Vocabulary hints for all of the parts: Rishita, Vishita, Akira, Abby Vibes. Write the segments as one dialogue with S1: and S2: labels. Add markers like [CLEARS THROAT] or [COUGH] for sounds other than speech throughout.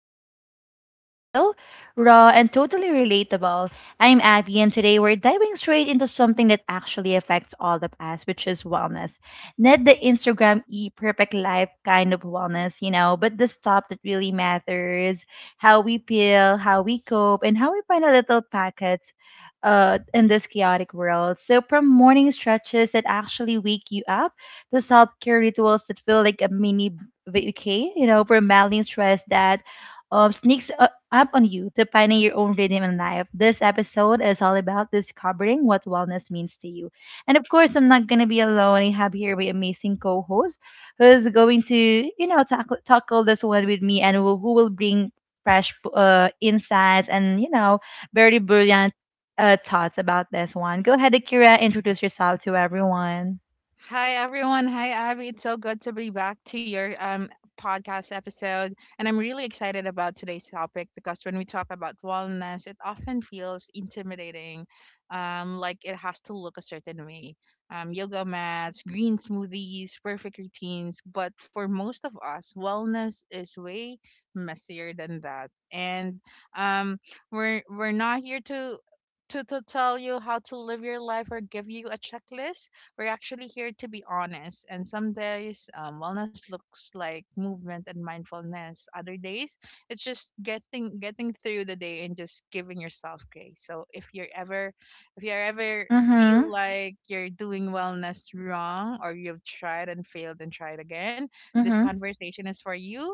S1: Vibes, where we keep it real, raw, and totally relatable. I'm Abby, and today we're diving straight into something that actually affects all of us, which is wellness. Not the Instagram e perfect life kind of wellness, you know, but the stuff that really matters, how we feel, how we cope, and how we find a little pockets in this chaotic world. So, from morning stretches that actually wake you up to self care rituals that feel like a mini vacay, you know, for battling stress that up on you, to finding your own rhythm in life. This episode is all about discovering what wellness means to you. And of course, I'm not going to be alone. I have here my amazing co host who's going to, you know, tackle this one with me, and will, who will bring fresh insights and, you know, very brilliant thoughts about this one. Go ahead, Akira, introduce yourself to everyone.
S2: Hi everyone. Hi Abby. It's so good to be back to your podcast episode. And I'm really excited about today's topic because when we talk about wellness, it often feels intimidating. Like it has to look a certain way. Yoga mats, green smoothies, perfect routines, but for most of us, wellness is way messier than that. And um we're not here to to tell you how to live your life or give you a checklist. We're actually here to be honest, and some days wellness looks like movement and mindfulness. Other days, it's just getting through the day and just giving yourself grace. So if you ever feel
S1: Mm-hmm.
S2: like you're doing wellness wrong or you've tried and failed and tried again, this
S1: Mm-hmm.
S2: conversation is for you.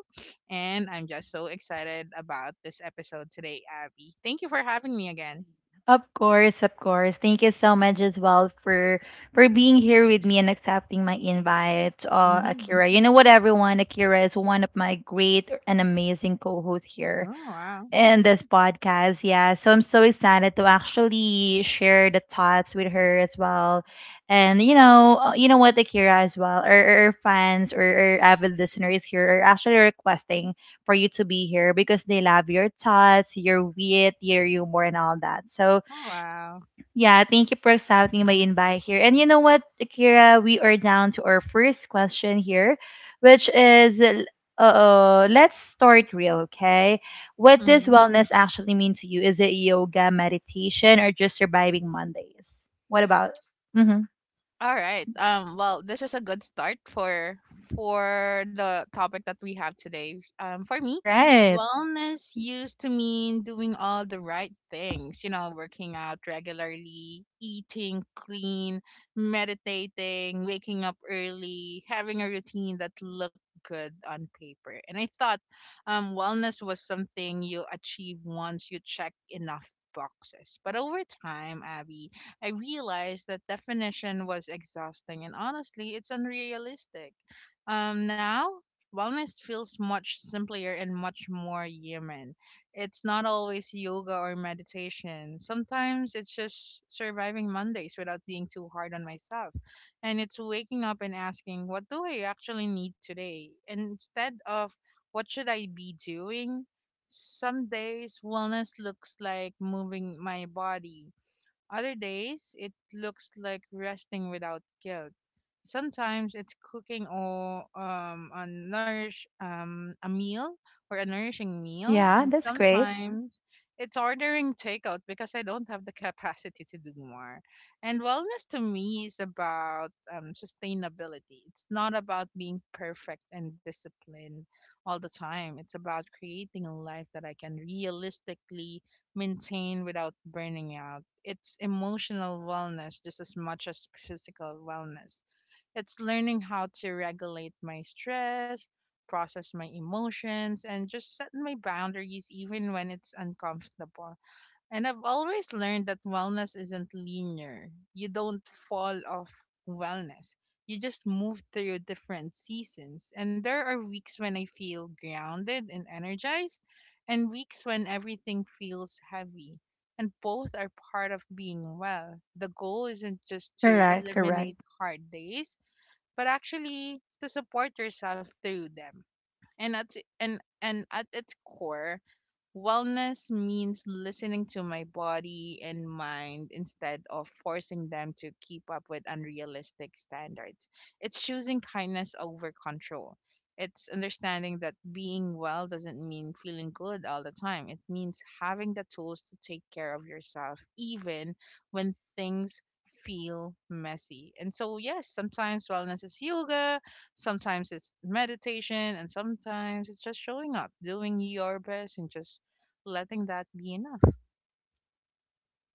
S2: And I'm just so excited about this episode today, Abby. Thank you for having me again.
S1: Of course, of course. Thank you so much as well for being here with me and accepting my invite,
S2: hmm
S1: Akira. You know what, everyone, Akira is one of my great and amazing co-hosts here
S2: Oh, wow.
S1: in this podcast. Yeah. So I'm so excited to actually share the thoughts with her as well. And you know what, Akira as well, or fans or avid listeners here are actually requesting for you to be here because they love your thoughts, your wit, your humor, and all that. So
S2: Oh, wow.
S1: yeah, thank you for accepting my invite here. And you know what, Akira, we are down to our first question here, which is let's start real, okay? What does
S2: Mhm.
S1: wellness actually mean to you? Is it yoga, meditation, or just surviving Mondays? What about? Hmm.
S2: All right. Well, this is a good start for the topic that we have today. For me,
S1: Right.
S2: wellness used to mean doing all the right things, you know, working out regularly, eating clean, meditating, waking up early, having a routine that looked good on paper. And I thought wellness was something you achieve once you check enough boxes. But over time, Abby, I realized that definition was exhausting and honestly, it's unrealistic. Now, wellness feels much simpler and much more human. It's not always yoga or meditation. Sometimes it's just surviving Mondays without being too hard on myself. And it's waking up and asking, what do I actually need today? And instead of, what should I be doing? Some days wellness looks like moving my body. Other days, it looks like resting without guilt. Sometimes it's cooking or a meal or a nourishing meal,
S1: Yeah,
S2: and
S1: that's great.
S2: sometimes it's ordering takeout because I don't have the capacity to do more. And wellness to me is about sustainability. It's not about being perfect and disciplined all the time. It's about creating a life that I can realistically maintain without burning out. It's emotional wellness just as much as physical wellness. It's learning how to regulate my stress, process my emotions, and just set my boundaries even when it's uncomfortable. And I've always learned that wellness isn't linear. You don't fall off wellness. You just move through different seasons. And there are weeks when I feel grounded and energized, and weeks when everything feels heavy. And both are part of being well. The goal isn't just to
S1: Correct, correct.
S2: eliminate hard days, but actually to support yourself through them. And that's and at its core, wellness means listening to my body and mind instead of forcing them to keep up with unrealistic standards. It's choosing kindness over control. It's understanding that being well doesn't mean feeling good all the time. It means having the tools to take care of yourself, even when things feel messy. And so, yes, sometimes wellness is yoga, sometimes it's meditation, and sometimes it's just showing up, doing your best, and just letting that be enough.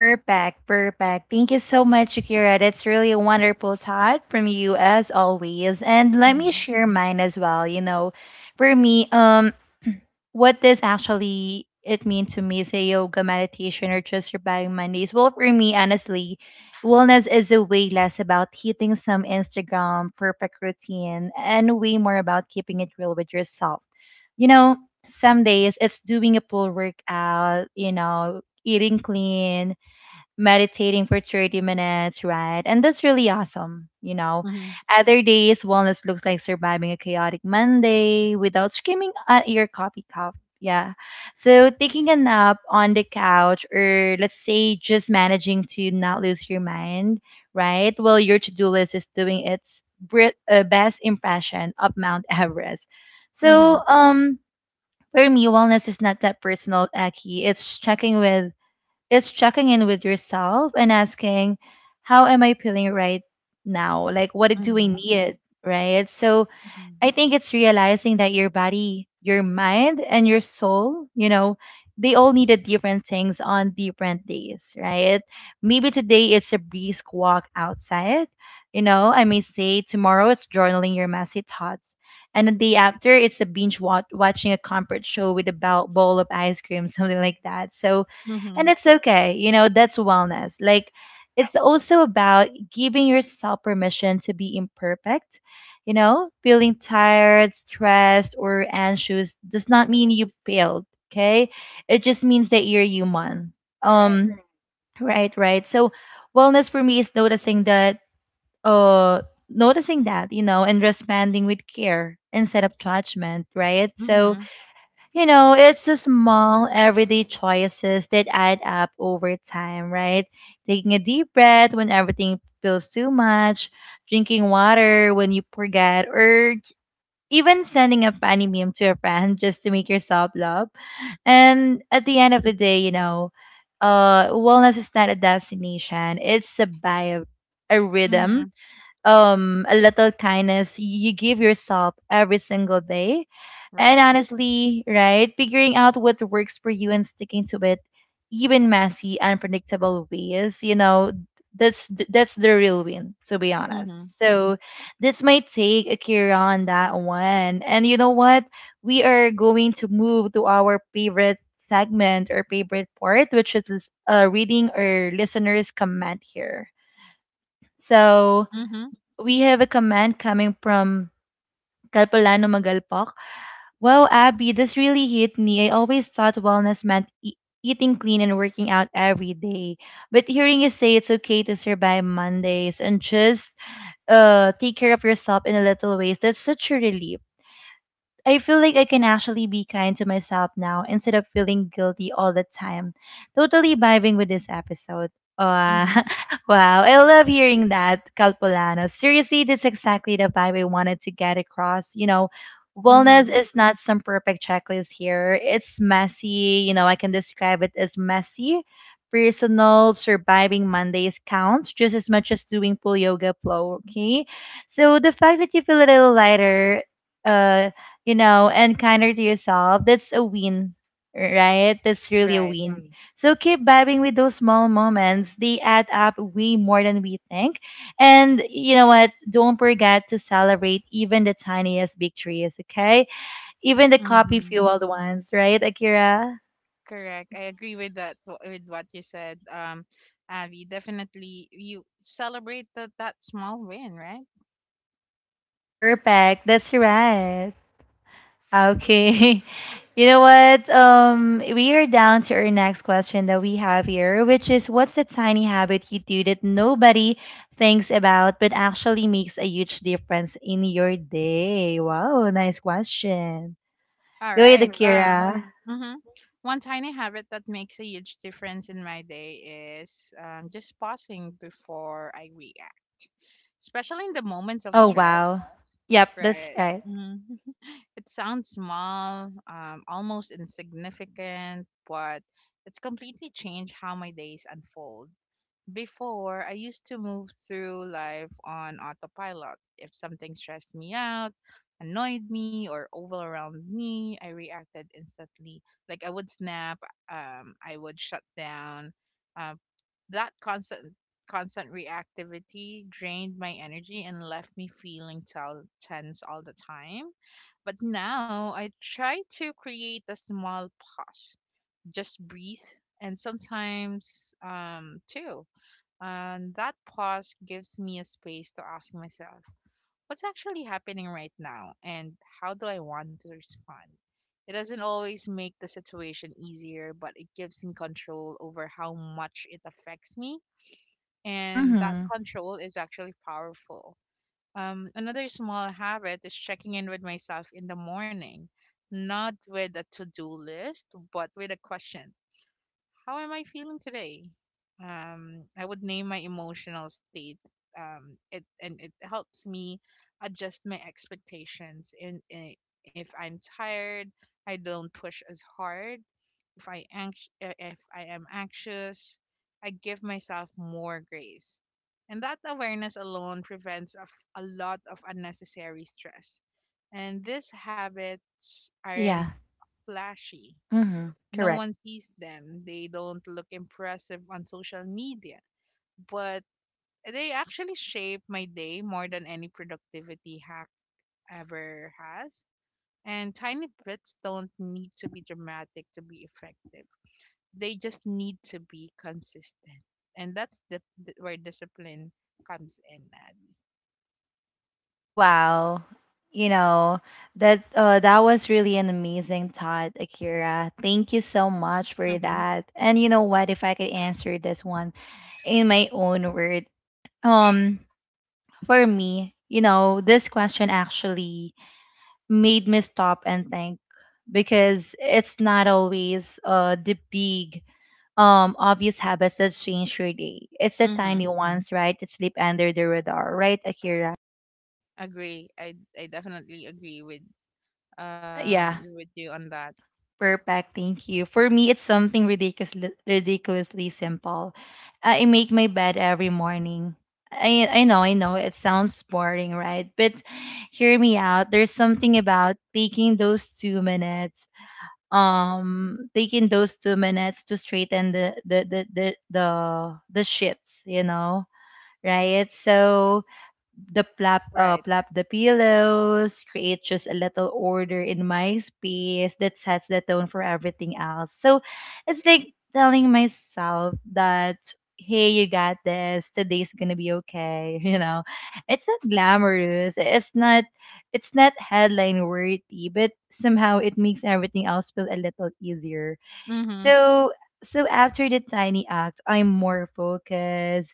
S1: Perfect, perfect. Thank you so much, Shakira. That's really a wonderful thought from you as always. And let me
S2: Mhm.
S1: share mine as well. You know, for me, [CLEARS THROAT] what does actually it mean to me, say yoga, meditation, or just surviving Mondays? Well, for me, honestly, wellness is a way less about hitting some Instagram perfect routine and way more about keeping it real with yourself. You know, some days it's doing a full workout, you know, eating clean, meditating for 30 minutes, right? And that's really awesome, you know.
S2: Mhm.
S1: Other days, wellness looks like surviving a chaotic Monday without screaming at your coffee cup. Yeah. So taking a nap on the couch, or let's say just managing to not lose your mind, right? Well, your to do list is doing its best impression of Mount Everest.
S2: Mhm.
S1: So, for me, wellness is not that personal, Aki. It's checking with it's checking in with yourself and asking, how am I feeling right now? Like, what do I
S2: Mhm.
S1: need? Right. So,
S2: Mhm.
S1: I think it's realizing that your body, your mind, and your soul, you know, they all needed different things on different days, right? Maybe today it's a brisk walk outside. You know, I may say tomorrow it's journaling your messy thoughts. And the day after, it's a binge watching a comfort show with a bowl of ice cream, [LAUGHS] something like that. So, and
S2: Mhm.
S1: it's okay. You know, that's wellness. Like, it's also about giving yourself permission to be imperfect. You know, feeling tired, stressed, or anxious does not mean you failed, okay? It just means that you're human.
S2: Right.
S1: Um, right, right. So wellness for me is uh noticing that, you know, and responding with care instead of judgment, right? So,
S2: Mhm.
S1: you know, it's the small everyday choices that add up over time, right? Taking a deep breath when everything feels too much, drinking water when you forget, or even sending a funny meme to a friend just to make yourself laugh. And at the end of the day, you know, wellness is not a destination; it's a bio, a rhythm,
S2: Mhm.
S1: a little kindness you give yourself every single day. And
S2: Right.
S1: honestly, right, figuring out what works for you and sticking to it, even messy unpredictable ways, you know, that's that's the real win, to be
S2: Mhm.
S1: honest. So this might take a care on that one. And you know what, we are going to move to our favorite segment or favorite part, which is reading our listeners comment here. So
S2: Mhm.
S1: we have a comment coming from Kalpalano Magalpak. Wow, Abby, this really hit me. I always thought wellness meant eating clean and working out every day. But hearing you say it's okay to survive Mondays and just take care of yourself in a little ways, that's such a relief. I feel like I can actually be kind to myself now instead of feeling guilty all the time. Totally vibing with this episode. Uh,
S2: Mhm.
S1: [LAUGHS] wow, I love hearing that, Calpolano. Seriously, that's exactly the vibe I wanted to get across. You know, wellness
S2: Mhm.
S1: is not some perfect checklist here. It's messy. You know, I can describe it as messy. Personal surviving Mondays counts just as much as doing full yoga flow. Okay, so the fact that you feel a little lighter, uh you know, and kinder to yourself, that's a win, right? That's really a
S2: Right.
S1: win. Right. So keep vibing with those small moments. They add up way more than we think. And you know what? Don't forget to celebrate even the tiniest victories, okay? Even the coffee
S2: Mhm.
S1: fueled ones, right, Akira?
S2: Correct. I agree with with what you said. Abby, definitely you celebrate that small win, right?
S1: Perfect. That's right. Okay. [LAUGHS] You know what? We are down to our next question that we have here, which is what's a tiny habit you do that nobody thinks about but actually makes a huge difference in your day? Wow, nice question.
S2: All
S1: Go ahead,
S2: right.
S1: And Akira.
S2: Mhm. One tiny habit that makes a huge difference in my day is just pausing before I react, especially in the moments of
S1: Oh,
S2: stress.
S1: wow. Yep, that's
S2: Right.
S1: right.
S2: Mm. [LAUGHS] It sounds small, almost insignificant, but it's completely changed how my days unfold. Before, I used to move through life on autopilot. If something stressed me out, annoyed me, or overwhelmed me, I reacted instantly. Like I would snap, I would shut down. Uh, that constant reactivity drained my energy and left me feeling tense all the time. But now I try to create a small pause, just breathe, and sometimes too. And that pause gives me a space to ask myself, what's actually happening right now and how do I want to respond? It doesn't always make the situation easier, but it gives me control over how much it affects me, and that
S1: Mm-hmm.
S2: control is actually powerful. Another small habit is checking in with myself in the morning, not with a to do list, but with a question. How am I feeling today? I would name my emotional state. It and it helps me adjust my expectations. And if I'm tired, I don't push as hard. If I am anxious, I give myself more grace. And that awareness alone prevents of a lot of unnecessary stress. And these habits aren't
S1: Yeah.
S2: flashy.
S1: Mm-hmm.
S2: No
S1: Correct.
S2: one sees them. They don't look impressive on social media, but they actually shape my day more than any productivity hack ever has. And tiny bits don't need to be dramatic to be effective. They just need to be consistent, and that's the where discipline comes in, Abby.
S1: Wow. You know, that was really an amazing thought, Akira. Thank you so much for
S2: Mm-hmm.
S1: that. And you know what, if I could answer this one in my own word, um, for me, you know, this question actually made me stop and think, because it's not always the big obvious habits that change your day. It's the tiny
S2: Mm-hmm.
S1: ones, right? That sleep under the radar, right, Akira?
S2: Agree. I definitely agree
S1: Yeah.
S2: with you on that.
S1: Perfect. Thank you. For me, it's something ridiculously simple. I make my bed every morning. I know, I know. It sounds boring, right? But hear me out. There's something about taking those 2 minutes. Taking those 2 minutes to straighten the shits, you know, right? So the plap
S2: Right.
S1: plap the pillows, create just a little order in my space that sets the tone for everything else. So it's like telling myself that, hey, you got this, today's gonna be okay. [LAUGHS] You know, it's not glamorous, it's not headline worthy, but somehow it makes everything else feel a little easier.
S2: Mm-hmm.
S1: So so after the tiny act, I'm more focused,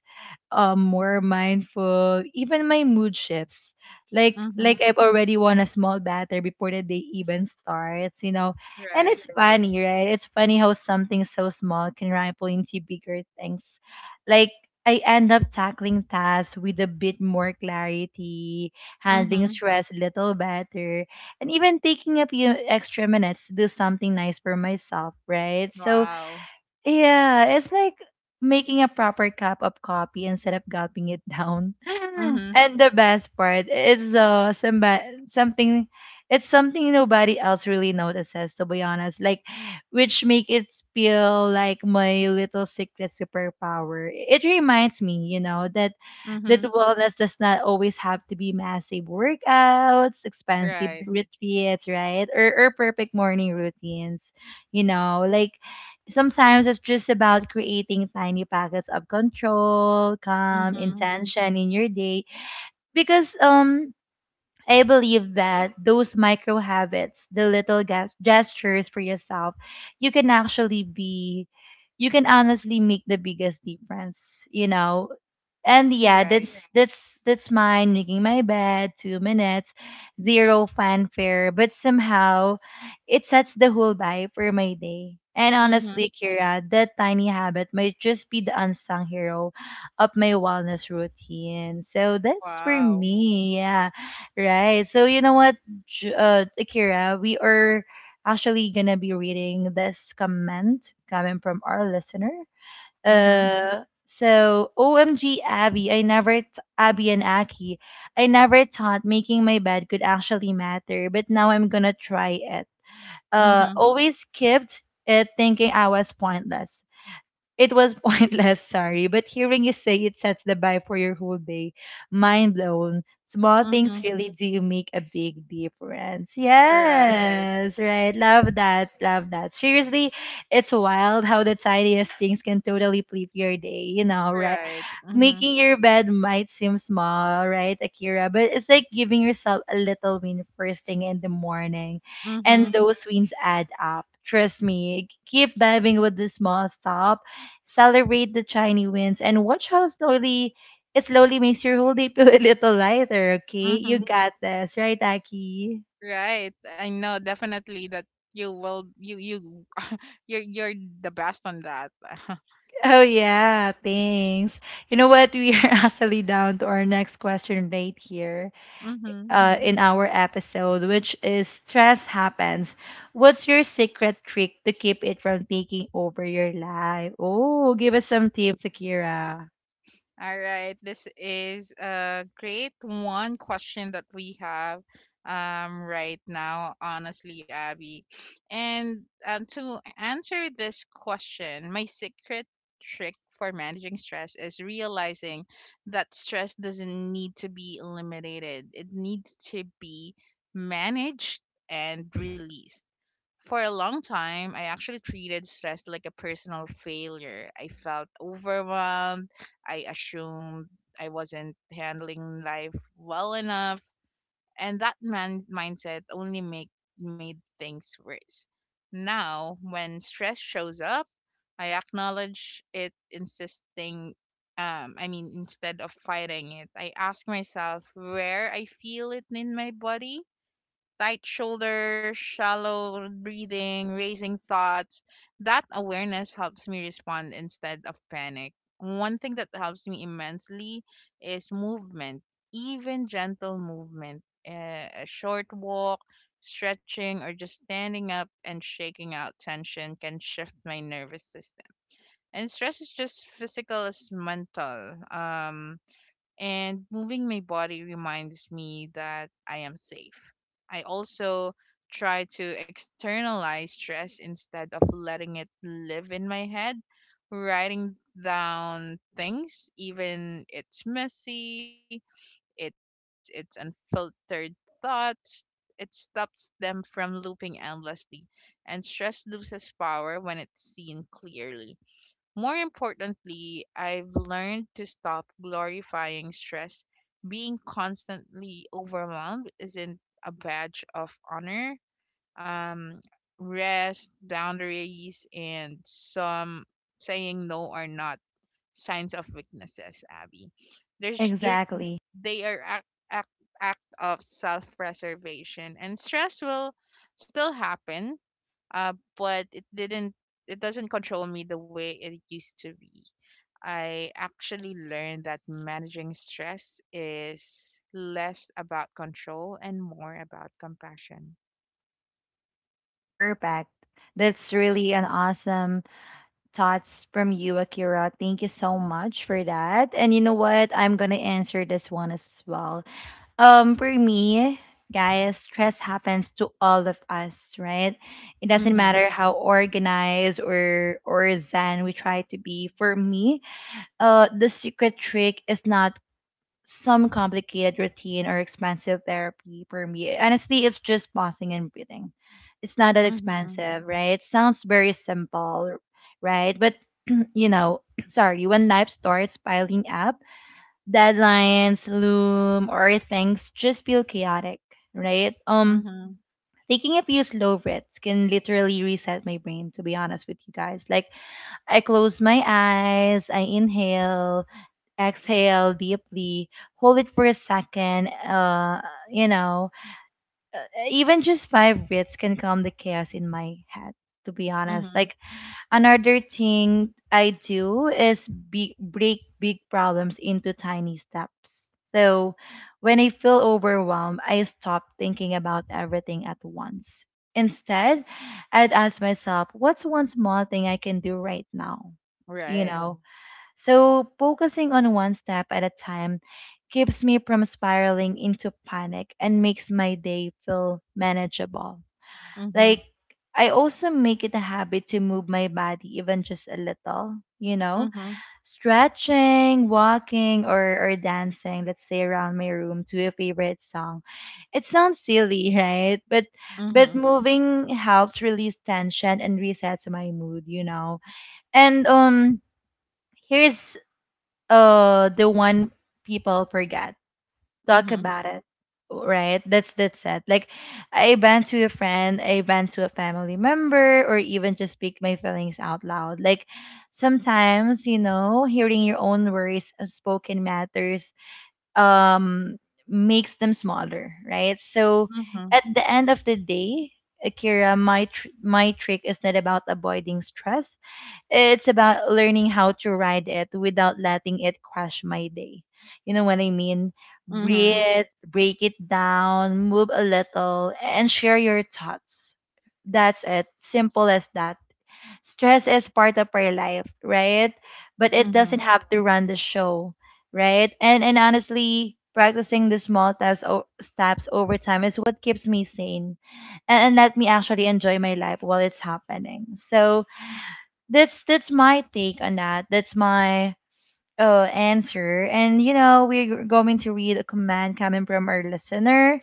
S1: more mindful. Even my mood shifts. Like
S2: Mm-hmm.
S1: like I've already won a small battle before the day even starts, you know. And
S2: Right.
S1: it's funny, right? It's funny how something so small can ripple into bigger things. Like I end up tackling tasks with a bit more clarity, handling
S2: Mm-hmm.
S1: stress a little better, and even taking a few extra minutes to do something nice for myself, right? So
S2: Wow.
S1: yeah, it's like making a proper cup of coffee instead of gulping it down. [LAUGHS]
S2: Mm-hmm.
S1: And the best part is someba- something it's something nobody else really notices, to be honest. Like, which make it feel like my little secret superpower. It reminds me, you know, that
S2: Mm-hmm.
S1: wellness does not always have to be massive workouts, expensive
S2: Right.
S1: retreats, right? Or perfect morning routines. You know, like sometimes it's just about creating tiny packets of control, calm,
S2: Mm-hmm.
S1: intention in your day. Because I believe that those micro habits, the little gestures for yourself, you can actually be you can honestly make the biggest difference, you know, and yeah,
S2: Right.
S1: that's mine, making my bed, 2 minutes, zero fanfare, but somehow it sets the whole vibe for my day. And
S2: Mm-hmm.
S1: honestly, Kira, that tiny habit might just be the unsung hero of my wellness routine. So that's for
S2: Wow.
S1: me, yeah, right. So you know what, Kira, we are actually gonna be reading this comment coming from our listener.
S2: Mm-hmm.
S1: So OMG Abby, I never t- Abby and Aki, I never thought making my bed could actually matter, but now I'm gonna try it.
S2: Mm-hmm.
S1: Always kept it thinking I was pointless. It was [LAUGHS] pointless, sorry, but hearing you say it sets the vibe for your whole day. Mind blown. Small things
S2: Mm-hmm.
S1: really do make a big difference.
S2: Right.
S1: Yes, right. Love that. Love that. Seriously, it's wild how the tiniest things can totally flip your day, right?
S2: Right. Mm-hmm.
S1: Making your bed might seem small, right, Akira? But it's like giving yourself a little win first thing in the morning.
S2: Mm-hmm.
S1: And those wins add up. Trust me. Keep diving with the small stop. Celebrate the tiny wins and watch how slowly it slowly makes your whole day feel a little lighter, okay? You
S2: Mm-hmm.
S1: got this, right, Aki?
S2: Right. I know definitely that you will you you [LAUGHS] you're the best on that. [LAUGHS]
S1: Oh yeah, thanks. You know what? We are [LAUGHS] actually down to our next question right here.
S2: Mm-hmm.
S1: In our episode, which is Stress Happens. What's your secret trick to keep it from taking over your life? Oh, give us some tips, Akira.
S2: All right. This is a great one question that we have right now, honestly, Abby. And to answer this question, my secret trick for managing stress is realizing that stress doesn't need to be eliminated. It needs to be managed and released. For a long time, I actually treated stress like a personal failure. I felt overwhelmed. I assumed I wasn't handling life well enough, and that mindset only make made things worse. Now, when stress shows up, I acknowledge it, insisting. I mean, instead of fighting it, I ask myself where I feel it in my body: tight shoulders, shallow breathing, racing thoughts. That awareness helps me respond instead of panic. One thing that helps me immensely is movement, even gentle movement, a short walk, stretching, or just standing up and shaking out tension can shift my nervous system. And stress is just physical as mental. And moving my body reminds me that I am safe. I also try to externalize stress instead of letting it live in my head, writing down things, even it's messy, it's unfiltered thoughts. It stops them from looping endlessly, and stress loses power when it's seen clearly. More importantly, I've learned to stop glorifying stress. Being constantly overwhelmed isn't a badge of honor. Um, Rest, boundaries, and some saying no are not signs of weaknesses, Abby. There's, there,
S1: Exactly.
S2: they are act, act of self preservation, and stress will still happen, but it doesn't control me the way it used to be. I actually learned that managing stress is less about control and more about compassion.
S1: Perfect. That's really an awesome thoughts from you, Akira. Thank you so much for that. And you know what? I'm gonna answer this one as well. For me, guys, stress happens to all of us, right? It doesn't
S2: Mhm.
S1: matter how organized or zen we try to be. For me, the secret trick is not some complicated routine or expensive therapy. For me, honestly, it's just pausing and breathing. It's not that
S2: Mhm.
S1: expensive, right? It sounds very simple, right? But you know, [CLEARS THROAT] sorry, when life starts piling up deadlines loom or things just feel chaotic, right?
S2: Mhm.
S1: Taking a few slow breaths can literally reset my brain, to be honest with you guys. Like, I close my eyes, I inhale, exhale deeply, hold it for a second, you know, uh, even just five breaths can calm the chaos in my head. To be honest,
S2: Mhm.
S1: like another thing I do is break big problems into tiny steps. So when I feel overwhelmed, I stop thinking about everything at once. Instead, I'd ask myself, what's one small thing I can do right now? You
S2: Right.
S1: know? So focusing on one step at a time keeps me from spiraling into panic and makes my day feel manageable.
S2: Mhm.
S1: Like I also make it a habit to move my body even just a little, you know,
S2: Mhm.
S1: stretching, walking or dancing, let's say around my room to a favorite song. It sounds silly, [LAUGHS] right? But
S2: Mhm.
S1: moving helps release tension and resets my mood, you know. And here's the one people forget talk
S2: Mhm.
S1: about it right that's it like I vent to a friend, I vent to a family member, or even just speak my feelings out loud. Like, sometimes you know hearing your own worries spoken matters, um, makes them smaller, right? So
S2: Mhm.
S1: at the end of the day, Akira, my my trick is not about avoiding stress, it's about learning how to ride it without letting it crush my day. You know what I mean?
S2: Mhm.
S1: Breathe, break it down, move a little, and share your thoughts. That's it. Simple as that. Stress is part of our life, right? But it
S2: Mhm.
S1: doesn't have to run the show, right? And honestly, practicing the small steps over time is what keeps me sane and let me actually enjoy my life while it's happening. So that's my take on that. That's my answer. And you know, we're going to read a comment coming from our listener.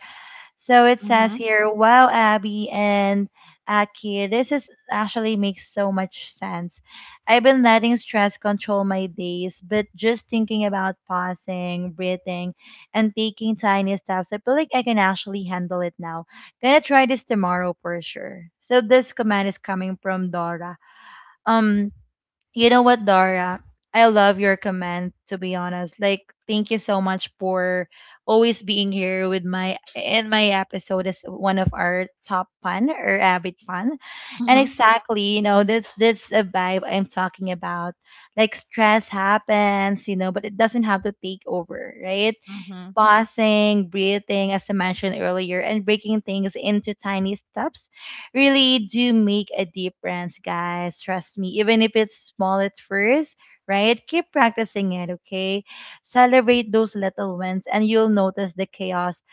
S1: So it says
S2: Mhm.
S1: here, "Wow, Abby and Aki, this is actually makes so much sense. I've been letting stress control my days, but just thinking about pausing, breathing, and taking tiny steps, I feel like I can actually handle it now. Gonna try this tomorrow for sure." So this comment is coming from Dora. Um, you know what, Dora? I love your comment, to be honest. Like, thank you so much for always being here with my in my episode as one of our top fun or habit fun. And
S2: Mhm.
S1: exactly, you know, that's a vibe I'm talking about. Like stress happens, you know, but it doesn't have to take over, right?
S2: Mhm.
S1: Pausing, breathing, as I mentioned earlier, and breaking things into tiny steps really do make a difference, guys. Trust me, even if it's small at first, right? Keep practicing it, okay? Celebrate those little wins, and you'll notice the chaos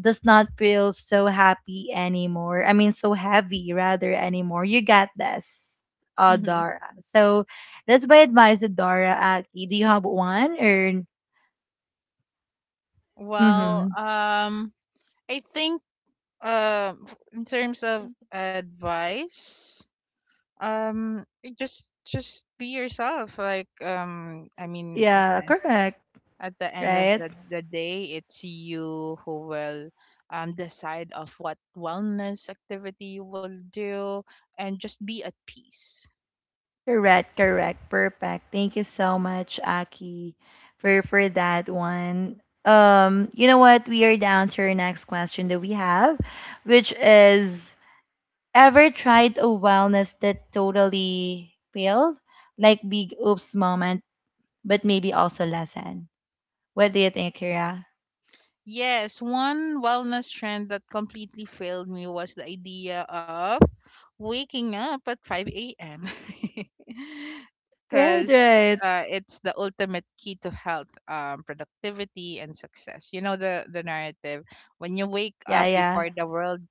S1: does not feel so happy anymore. I mean, so heavy rather anymore. You got this,
S2: Mhm.
S1: Dara. So that's my advice to Dara. Aki, do you have one or?
S2: Well,
S1: Mm-hmm.
S2: I think in terms of advice, Um, just be yourself. Like, I mean,
S1: Yeah, correct,
S2: at the end of
S1: right?
S2: the day, it's you who will decide of what wellness activity you will do, and just be at peace.
S1: Correct, perfect. Thank you so much, Aki, for that one. You know what? We are down to our next question that we have, which is ever tried a wellness that totally failed? Like big oops moment, but maybe also lesson. What do you think, Kira?
S2: Yes, one wellness trend that completely failed me was the idea of waking up at 5 a.m. [LAUGHS]
S1: Right,
S2: Because
S1: right.
S2: it's the ultimate key to health, productivity, and success. You know the narrative. When you wake
S1: Yeah,
S2: up
S1: yeah.
S2: before the world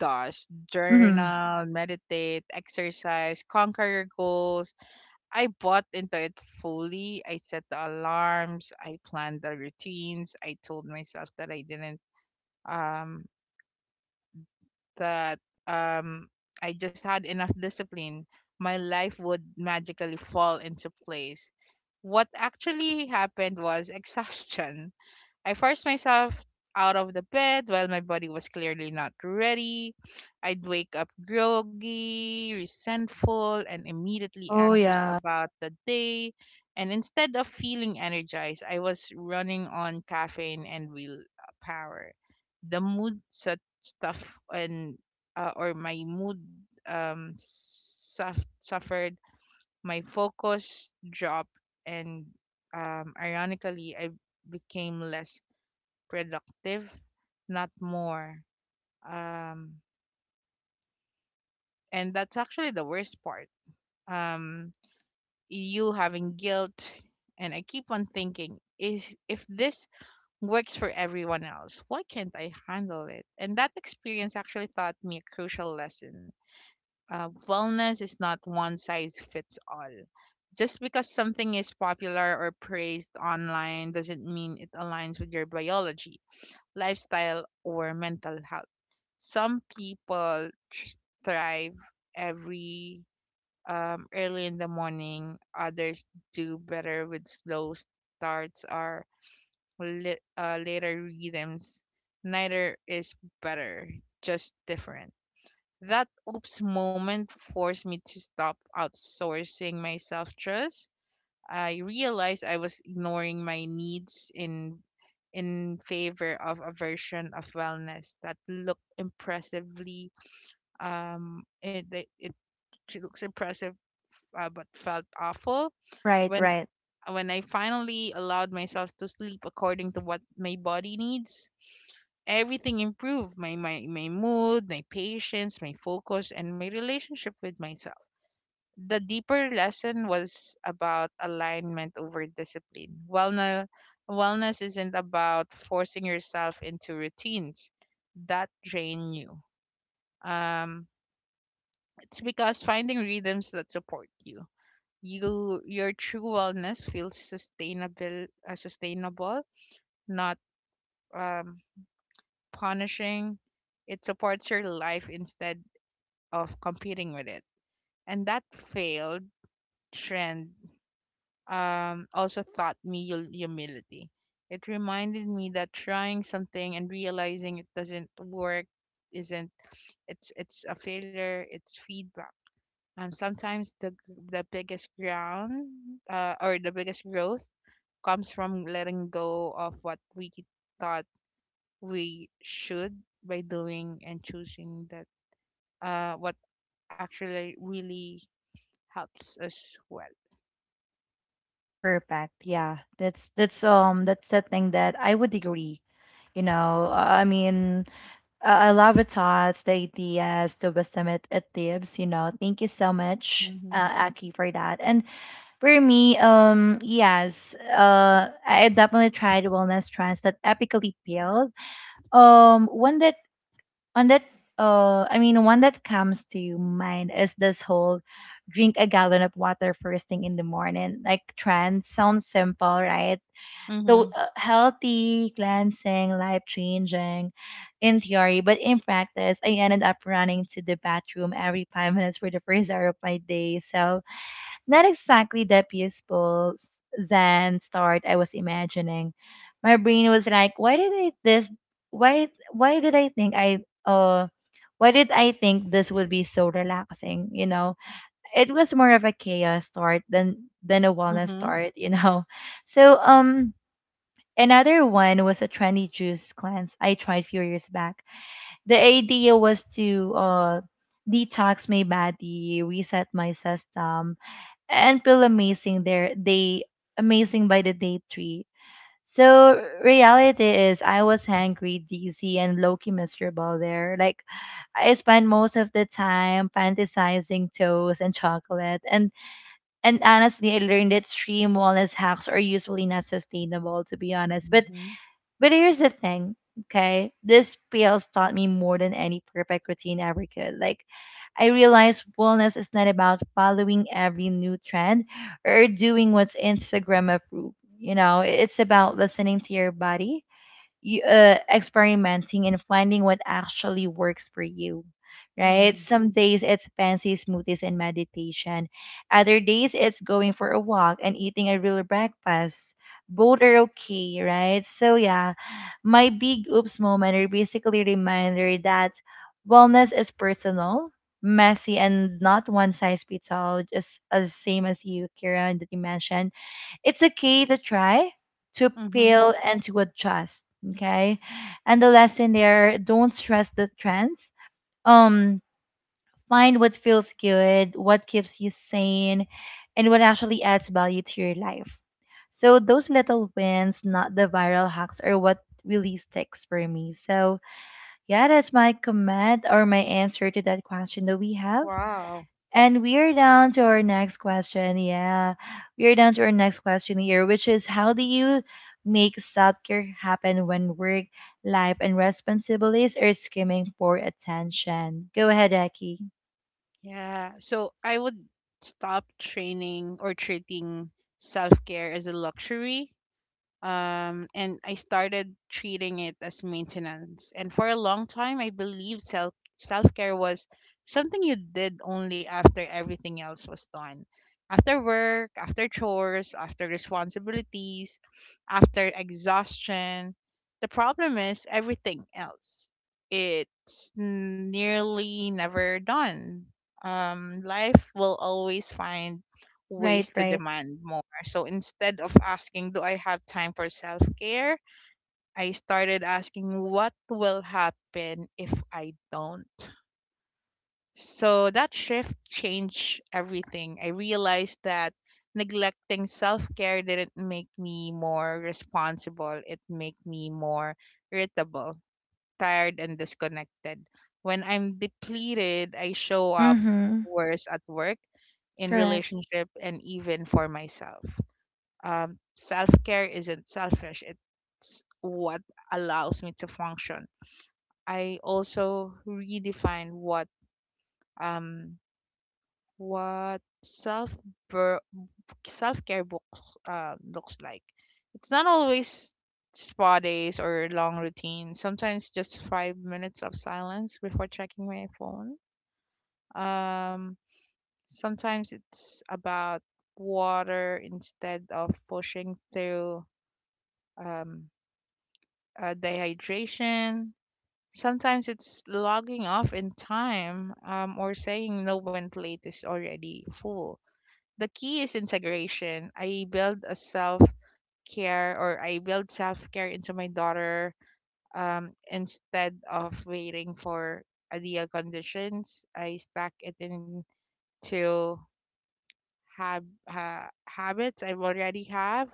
S2: does,
S1: Mm-hmm.
S2: journal, meditate, exercise, conquer your goals, I bought into it fully. I set the alarms, I planned the routines, I told myself that I didn't um that um I just had enough discipline. My life would magically fall into place. What actually happened was [LAUGHS] exhaustion. I forced myself out of the bed while my body was clearly not ready. I'd wake up groggy, resentful, and immediately
S1: Oh
S2: anxious
S1: yeah.
S2: about the day. And instead of feeling energized, I was running on caffeine and will power. The mood set stuff and or My mood suffered. My focus dropped, and ironically, I became less productive, not more. Um, and that's actually the worst part. Um, you having guilt, and I keep on thinking, is if this works for everyone else, why can't I handle it? And that experience actually taught me a crucial lesson. Wellness is not one size fits all. Just because something is popular or praised online doesn't mean it aligns with your biology, lifestyle, or mental health. Some people thrive every early in the morning, others do better with slow starts or later rhythms. Neither is better, just different. That oops moment forced me to stop outsourcing my self trust. I realized I was ignoring my needs in favor of a version of wellness that looked impressively it it it looks impressive, but felt awful.
S1: Right,
S2: when
S1: right.
S2: when I finally allowed myself to sleep according to what my body needs, everything improved, my mood, my patience, my focus, and my relationship with myself. The deeper lesson was about alignment over discipline. Wellness isn't about forcing yourself into routines that drain you. Um, it's because finding rhythms that support you. Your true wellness feels sustainable, not um, punishing. It supports your life instead of competing with it. And that failed trend, also taught me humility. It reminded me that trying something and realizing it doesn't work isn't it's a failure. It's feedback. Sometimes the biggest ground or the biggest growth comes from letting go of what we thought we should by doing and choosing that what actually really helps us well.
S1: Perfect. Yeah. That's that's the thing that I would agree. You know, I mean, I love the thoughts, the ideas, the wisdom it, it tips, you know. Thank you so much,
S2: Mhm.
S1: Aki, for that. And for me, yes, I definitely tried wellness trends that epically failed. One that on that I mean one that comes to mind is this whole drink a gallon of water first thing in the morning like trend. Sounds simple, right? So
S2: Mhm.
S1: healthy, cleansing, life changing in theory, but in practice I ended up running to the bathroom every five minutes for the first hour of my day, so not exactly the peaceful Zen start I was imagining. My brain was like, why did I this why did I think this would be so relaxing, you know? It was more of a chaos start than a wellness
S2: Mhm.
S1: start, you know. [LAUGHS] So another one was a trendy juice cleanse I tried few years back. The idea was to detox my body, reset my system, and feel amazing there they amazing by the day three. So reality is I was hangry, dizzy, and low-key miserable there. Like, I spent most of the time fantasizing toast and chocolate, and honestly I learned that extreme wellness hacks are usually not sustainable, to be honest. but
S2: Mhm.
S1: but here's the thing, okay, this pills taught me more than any perfect routine ever could. Like, I realized wellness is not about following every new trend or doing what's Instagram approved. You know, it's about listening to your body, you, experimenting and finding what actually works for you, right?
S2: Mhm.
S1: Some days it's fancy smoothies and meditation. Other days it's going for a walk and eating a real breakfast. Both are okay, right? So yeah, my big oops moment are basically a reminder that wellness is personal, messy, and not one size fits all, just as same as you, Kira, that you mentioned. It's okay to try, to
S2: Mhm.
S1: fail, and to adjust. Okay. And the lesson there, don't stress the trends. Um, Find what feels good, what keeps you sane, and what actually adds value to your life. So those little wins, not the viral hacks, are what really sticks for me. So yeah, that's my comment or my answer to that question that we have.
S2: Wow.
S1: And we are down to our next question. Yeah. We are down to our next question here, which is how do you make self care happen when work, life, and responsibilities are screaming for attention? Go ahead, Eki.
S2: Yeah. So I would stop training or treating self-care as a luxury, and I started treating it as maintenance. And for a long time, I believed self care was something you did only after everything else was done, after work, after chores, after responsibilities, after exhaustion. The problem is everything else. It's nearly never done. Life will always find
S1: Right,
S2: ways to
S1: right.
S2: demand more. So instead of asking, do I have time for self care? I started asking, what will happen if I don't? So that shift changed everything. I realized that neglecting self care didn't make me more responsible, it made me more irritable, tired, and disconnected. When I'm depleted, I show up
S1: Mm-hmm.
S2: worse at work, in
S1: Correct.
S2: relationship, and even for myself. Self care isn't selfish, it's what allows me to function. I also redefine um, what self care books looks like. It's not always spa days or long routines. Sometimes just 5 minutes of silence before checking my phone. Um, Sometimes it's about water instead of pushing through um, dehydration. Sometimes it's logging off in time, or saying no when plate is already full. The key is integration. I build self care into my daughter, instead of waiting for ideal conditions. I stack it into habits I already have,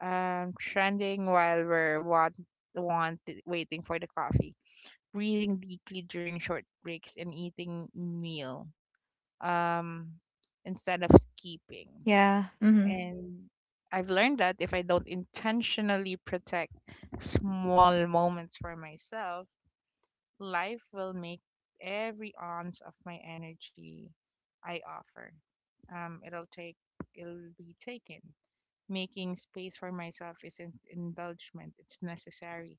S2: trending while we're want waiting for the coffee, breathing deeply during short breaks, and eating meal, um, instead of skipping.
S1: Yeah. Mm-hmm.
S2: And I've learned that if I don't intentionally protect small moments for myself, life will make every ounce of my energy I offer. Um, it'll take it'll be taken. Making space for myself isn't indulgement; it's necessary,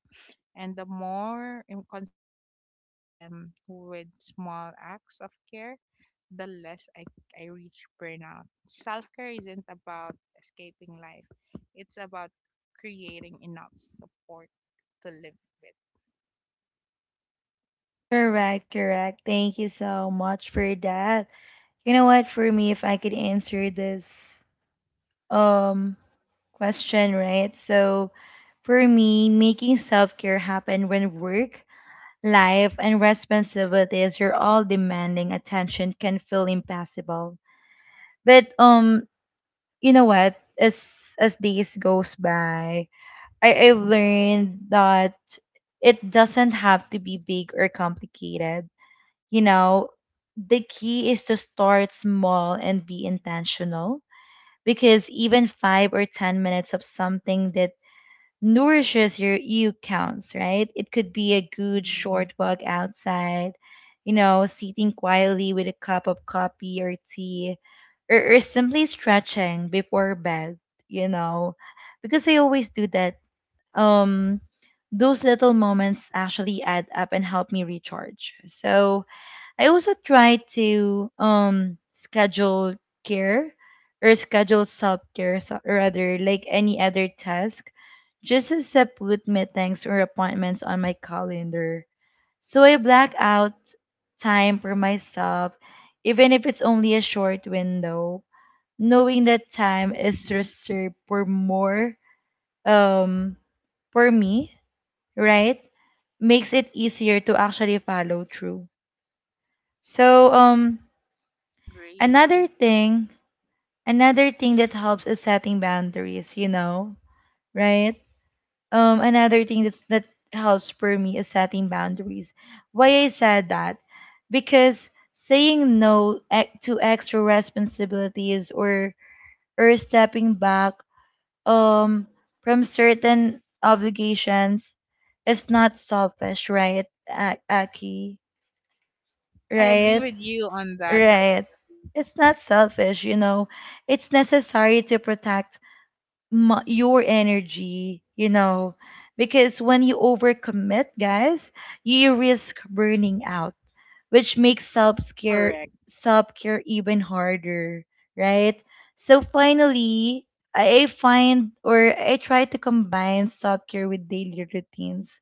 S2: and the more inconsistent I am with small acts of care, the I reach burnout. Self care isn't about escaping life, it's about creating enough support to live with.
S1: Correct. Thank you so much for that. You know what, for me, if I could answer this um question, right? So for me, making self-care happen when work, life and responsibilities are all demanding attention can feel impossible. But you know what? As days goes by, I've learned that it doesn't have to be big or complicated. You know, the key is to start small and be intentional because even five or ten minutes of something that nourishes your you counts, right? It could be a good
S2: Mm-hmm.
S1: short walk outside, you know, sitting quietly with a cup of coffee or tea, or simply stretching before bed, you know, because I always do that. Um, those little moments actually add up and help me recharge. So I also try to schedule care or schedule self care rather like any other task, just as I put meetings or appointments on my calendar. So I black out time for myself, even if it's only a short window, knowing that time is
S2: Mm-hmm.
S1: reserved for more um for me, right? Makes it easier to actually follow through. So
S2: Agree.
S1: Another thing, another thing that helps is setting boundaries, you know, right? Another thing that's, that helps for me is setting boundaries. Why I said that? Because saying no to extra responsibilities or stepping back um from certain obligations is not selfish, right, Aki?
S2: I agree
S1: Right?
S2: with you on that.
S1: Right. It's not selfish, you know. It's necessary to protect your energy, you know, because when you overcommit, guys, you risk burning out, which makes self-care
S2: Correct.
S1: self-care even harder, right? So finally, I find or I try to combine self-care with daily routines.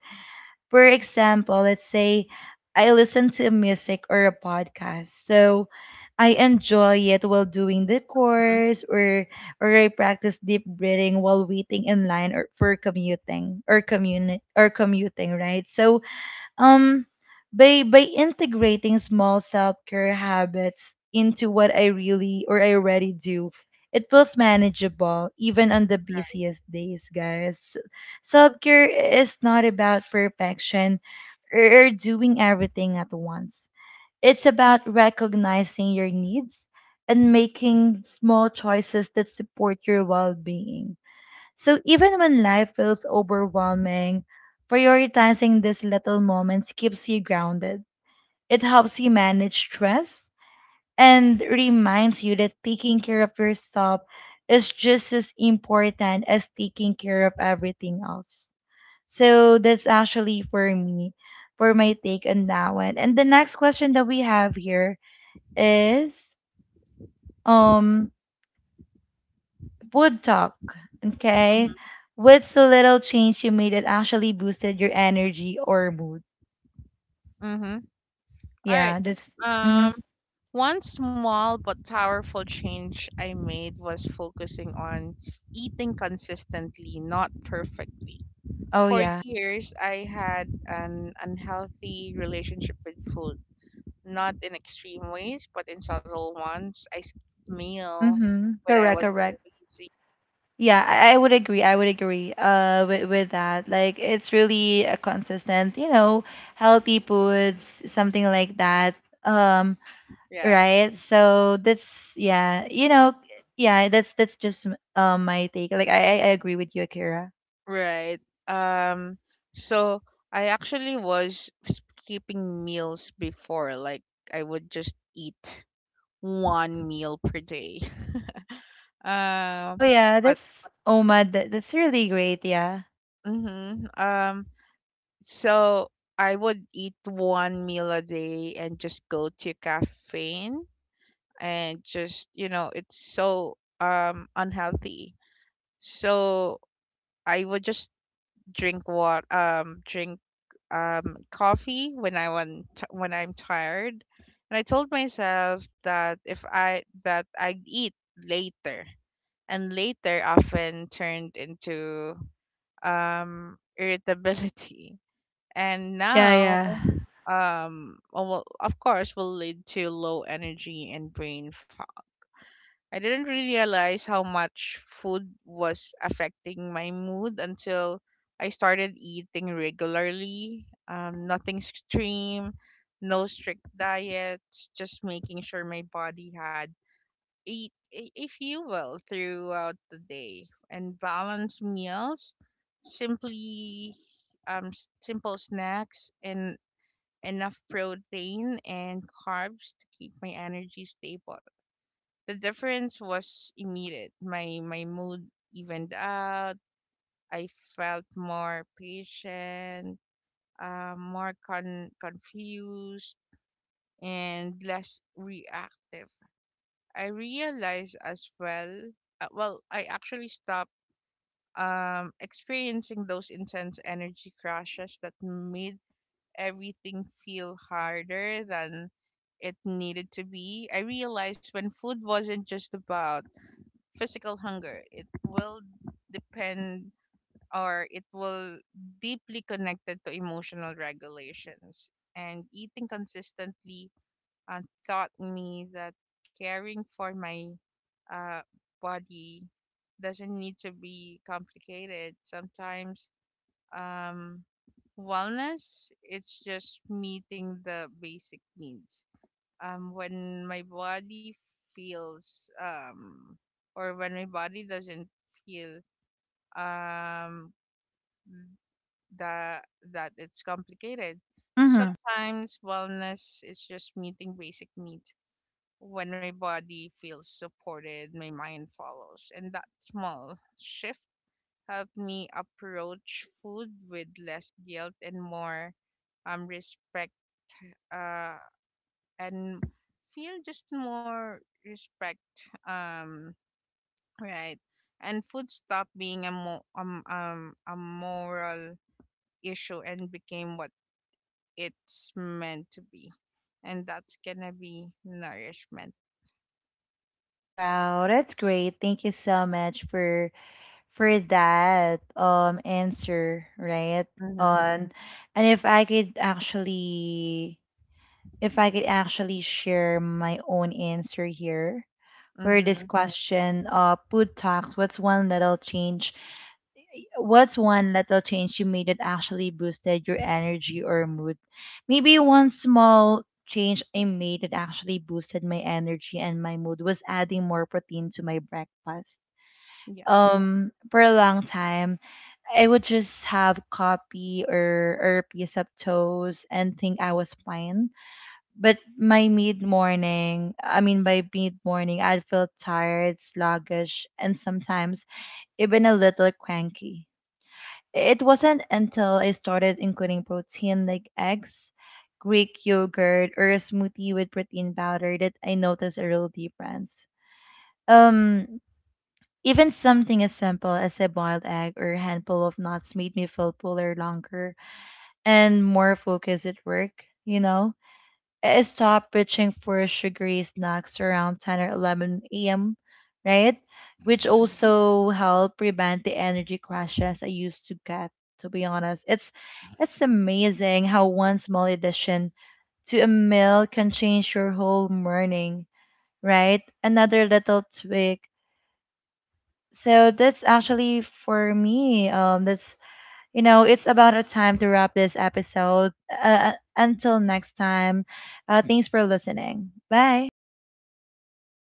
S1: For example, let's say I listen to music or a podcast. So I enjoy it while doing the course, or I practice deep breathing while waiting in line or for commuting or commuting, right? So um, by integrating small self-care habits into what I really or I already do, it feels manageable even on the busiest days, guys. Self-care is not about perfection or doing everything at once. It's about recognizing your needs and making small choices that support your well being. So even when life feels overwhelming, prioritizing these little moments keeps you grounded. It helps you manage stress and reminds you that taking care of yourself is just as important as taking care of everything else. So that's actually for me, for my take on that one. And the next question that we have here is um Wood talk,
S2: Mm-hmm.
S1: okay? What's a little change you made that actually boosted your energy or mood?
S2: Mm-hmm. All
S1: Yeah,
S2: right.
S1: that's. Hmm.
S2: Um, One small but powerful change I made was focusing on eating consistently, not perfectly.
S1: Oh
S2: For
S1: yeah.
S2: years, I had an unhealthy relationship with food, not in extreme ways, but in subtle ones. I skipped meal
S1: Mm-hmm.
S2: when I
S1: Correct.
S2: was
S1: Correct.
S2: busy.
S1: Yeah, I would agree. I would agree. With that, like it's really a consistent, you know, healthy foods, something like that. Um,
S2: Yeah,
S1: right. So that's yeah, you know, yeah, that's just my take. Like I agree with you, Akira.
S2: right. Um, so I actually was skipping meals before, like I would just eat one meal per day.
S1: Oh
S2: Um,
S1: yeah,
S2: but
S1: that's Oma. That's really great. Yeah.
S2: hmm So I would eat one meal a day and just go to caffeine, and just you know it's so unhealthy. So I would just drink coffee when I'm tired, and I told myself that if I that I'd eat later. And later often turned into, irritability. [LAUGHS] And
S1: [LAUGHS] Yeah,
S2: now,
S1: yeah.
S2: oh, well, of course, will lead to low energy and brain fog. I didn't really realize how much food was affecting my mood until I started eating regularly. Nothing extreme, no strict diets, just making sure my body had eat, if you will, throughout the day. And balance meals, simply, simple snacks and enough protein and carbs to keep my energy stable. The difference was immediate. My mood evened out. I felt more patient, more confused, and less reactive. I realized as well, well, I actually stopped, experiencing those intense energy crashes that made everything feel harder than it needed to be. I realized when food wasn't just about physical hunger, depend it will deeply connected to emotional regulations, and eating consistently uh, taught me that caring for my, uh, body doesn't need to be complicated. Sometimes, um, wellness it's just meeting the basic needs. Um, when my body feels um, when my body doesn't feel, um, that that it's complicated.
S1: Hmm.
S2: Sometimes wellness is just meeting basic needs. When my body feels supported, my mind follows. And that small shift helped me approach food with less guilt and more, respect, uh, and feel just more respect. Um, right. And food stopped being a moral issue and became what it's meant to be. And that's gonna be nourishment.
S1: Wow, that's great. Thank you so much for that answer, right?
S2: Mm-hmm.
S1: On and if I could actually share my own answer here for
S2: Mm-hmm.
S1: this question, food talks. What's one little change you made that actually boosted your energy or mood? Maybe one small change I made that actually boosted my energy and my mood was adding more protein to my breakfast. For a long time, I would just have coffee or a piece of toast and think I was fine. But my mid morning, I mean, by mid morning, I'd feel tired, sluggish, and sometimes even a little cranky. It wasn't until I started including protein like eggs, Greek yogurt, or a smoothie with protein powder that I noticed a real difference. Um, even something as simple as a boiled egg or a handful of nuts made me feel fuller longer and more focused at work, you know? I stop reaching for sugary snacks around 10 or 11 a.m., right? Which also help prevent the energy crashes I used to get, to be honest. It's amazing how one small addition to a meal can change your whole morning, right? Another little tweak. So that's actually for me. That's you know, it's about a time to wrap this episode. Until next time, thanks for listening. Bye.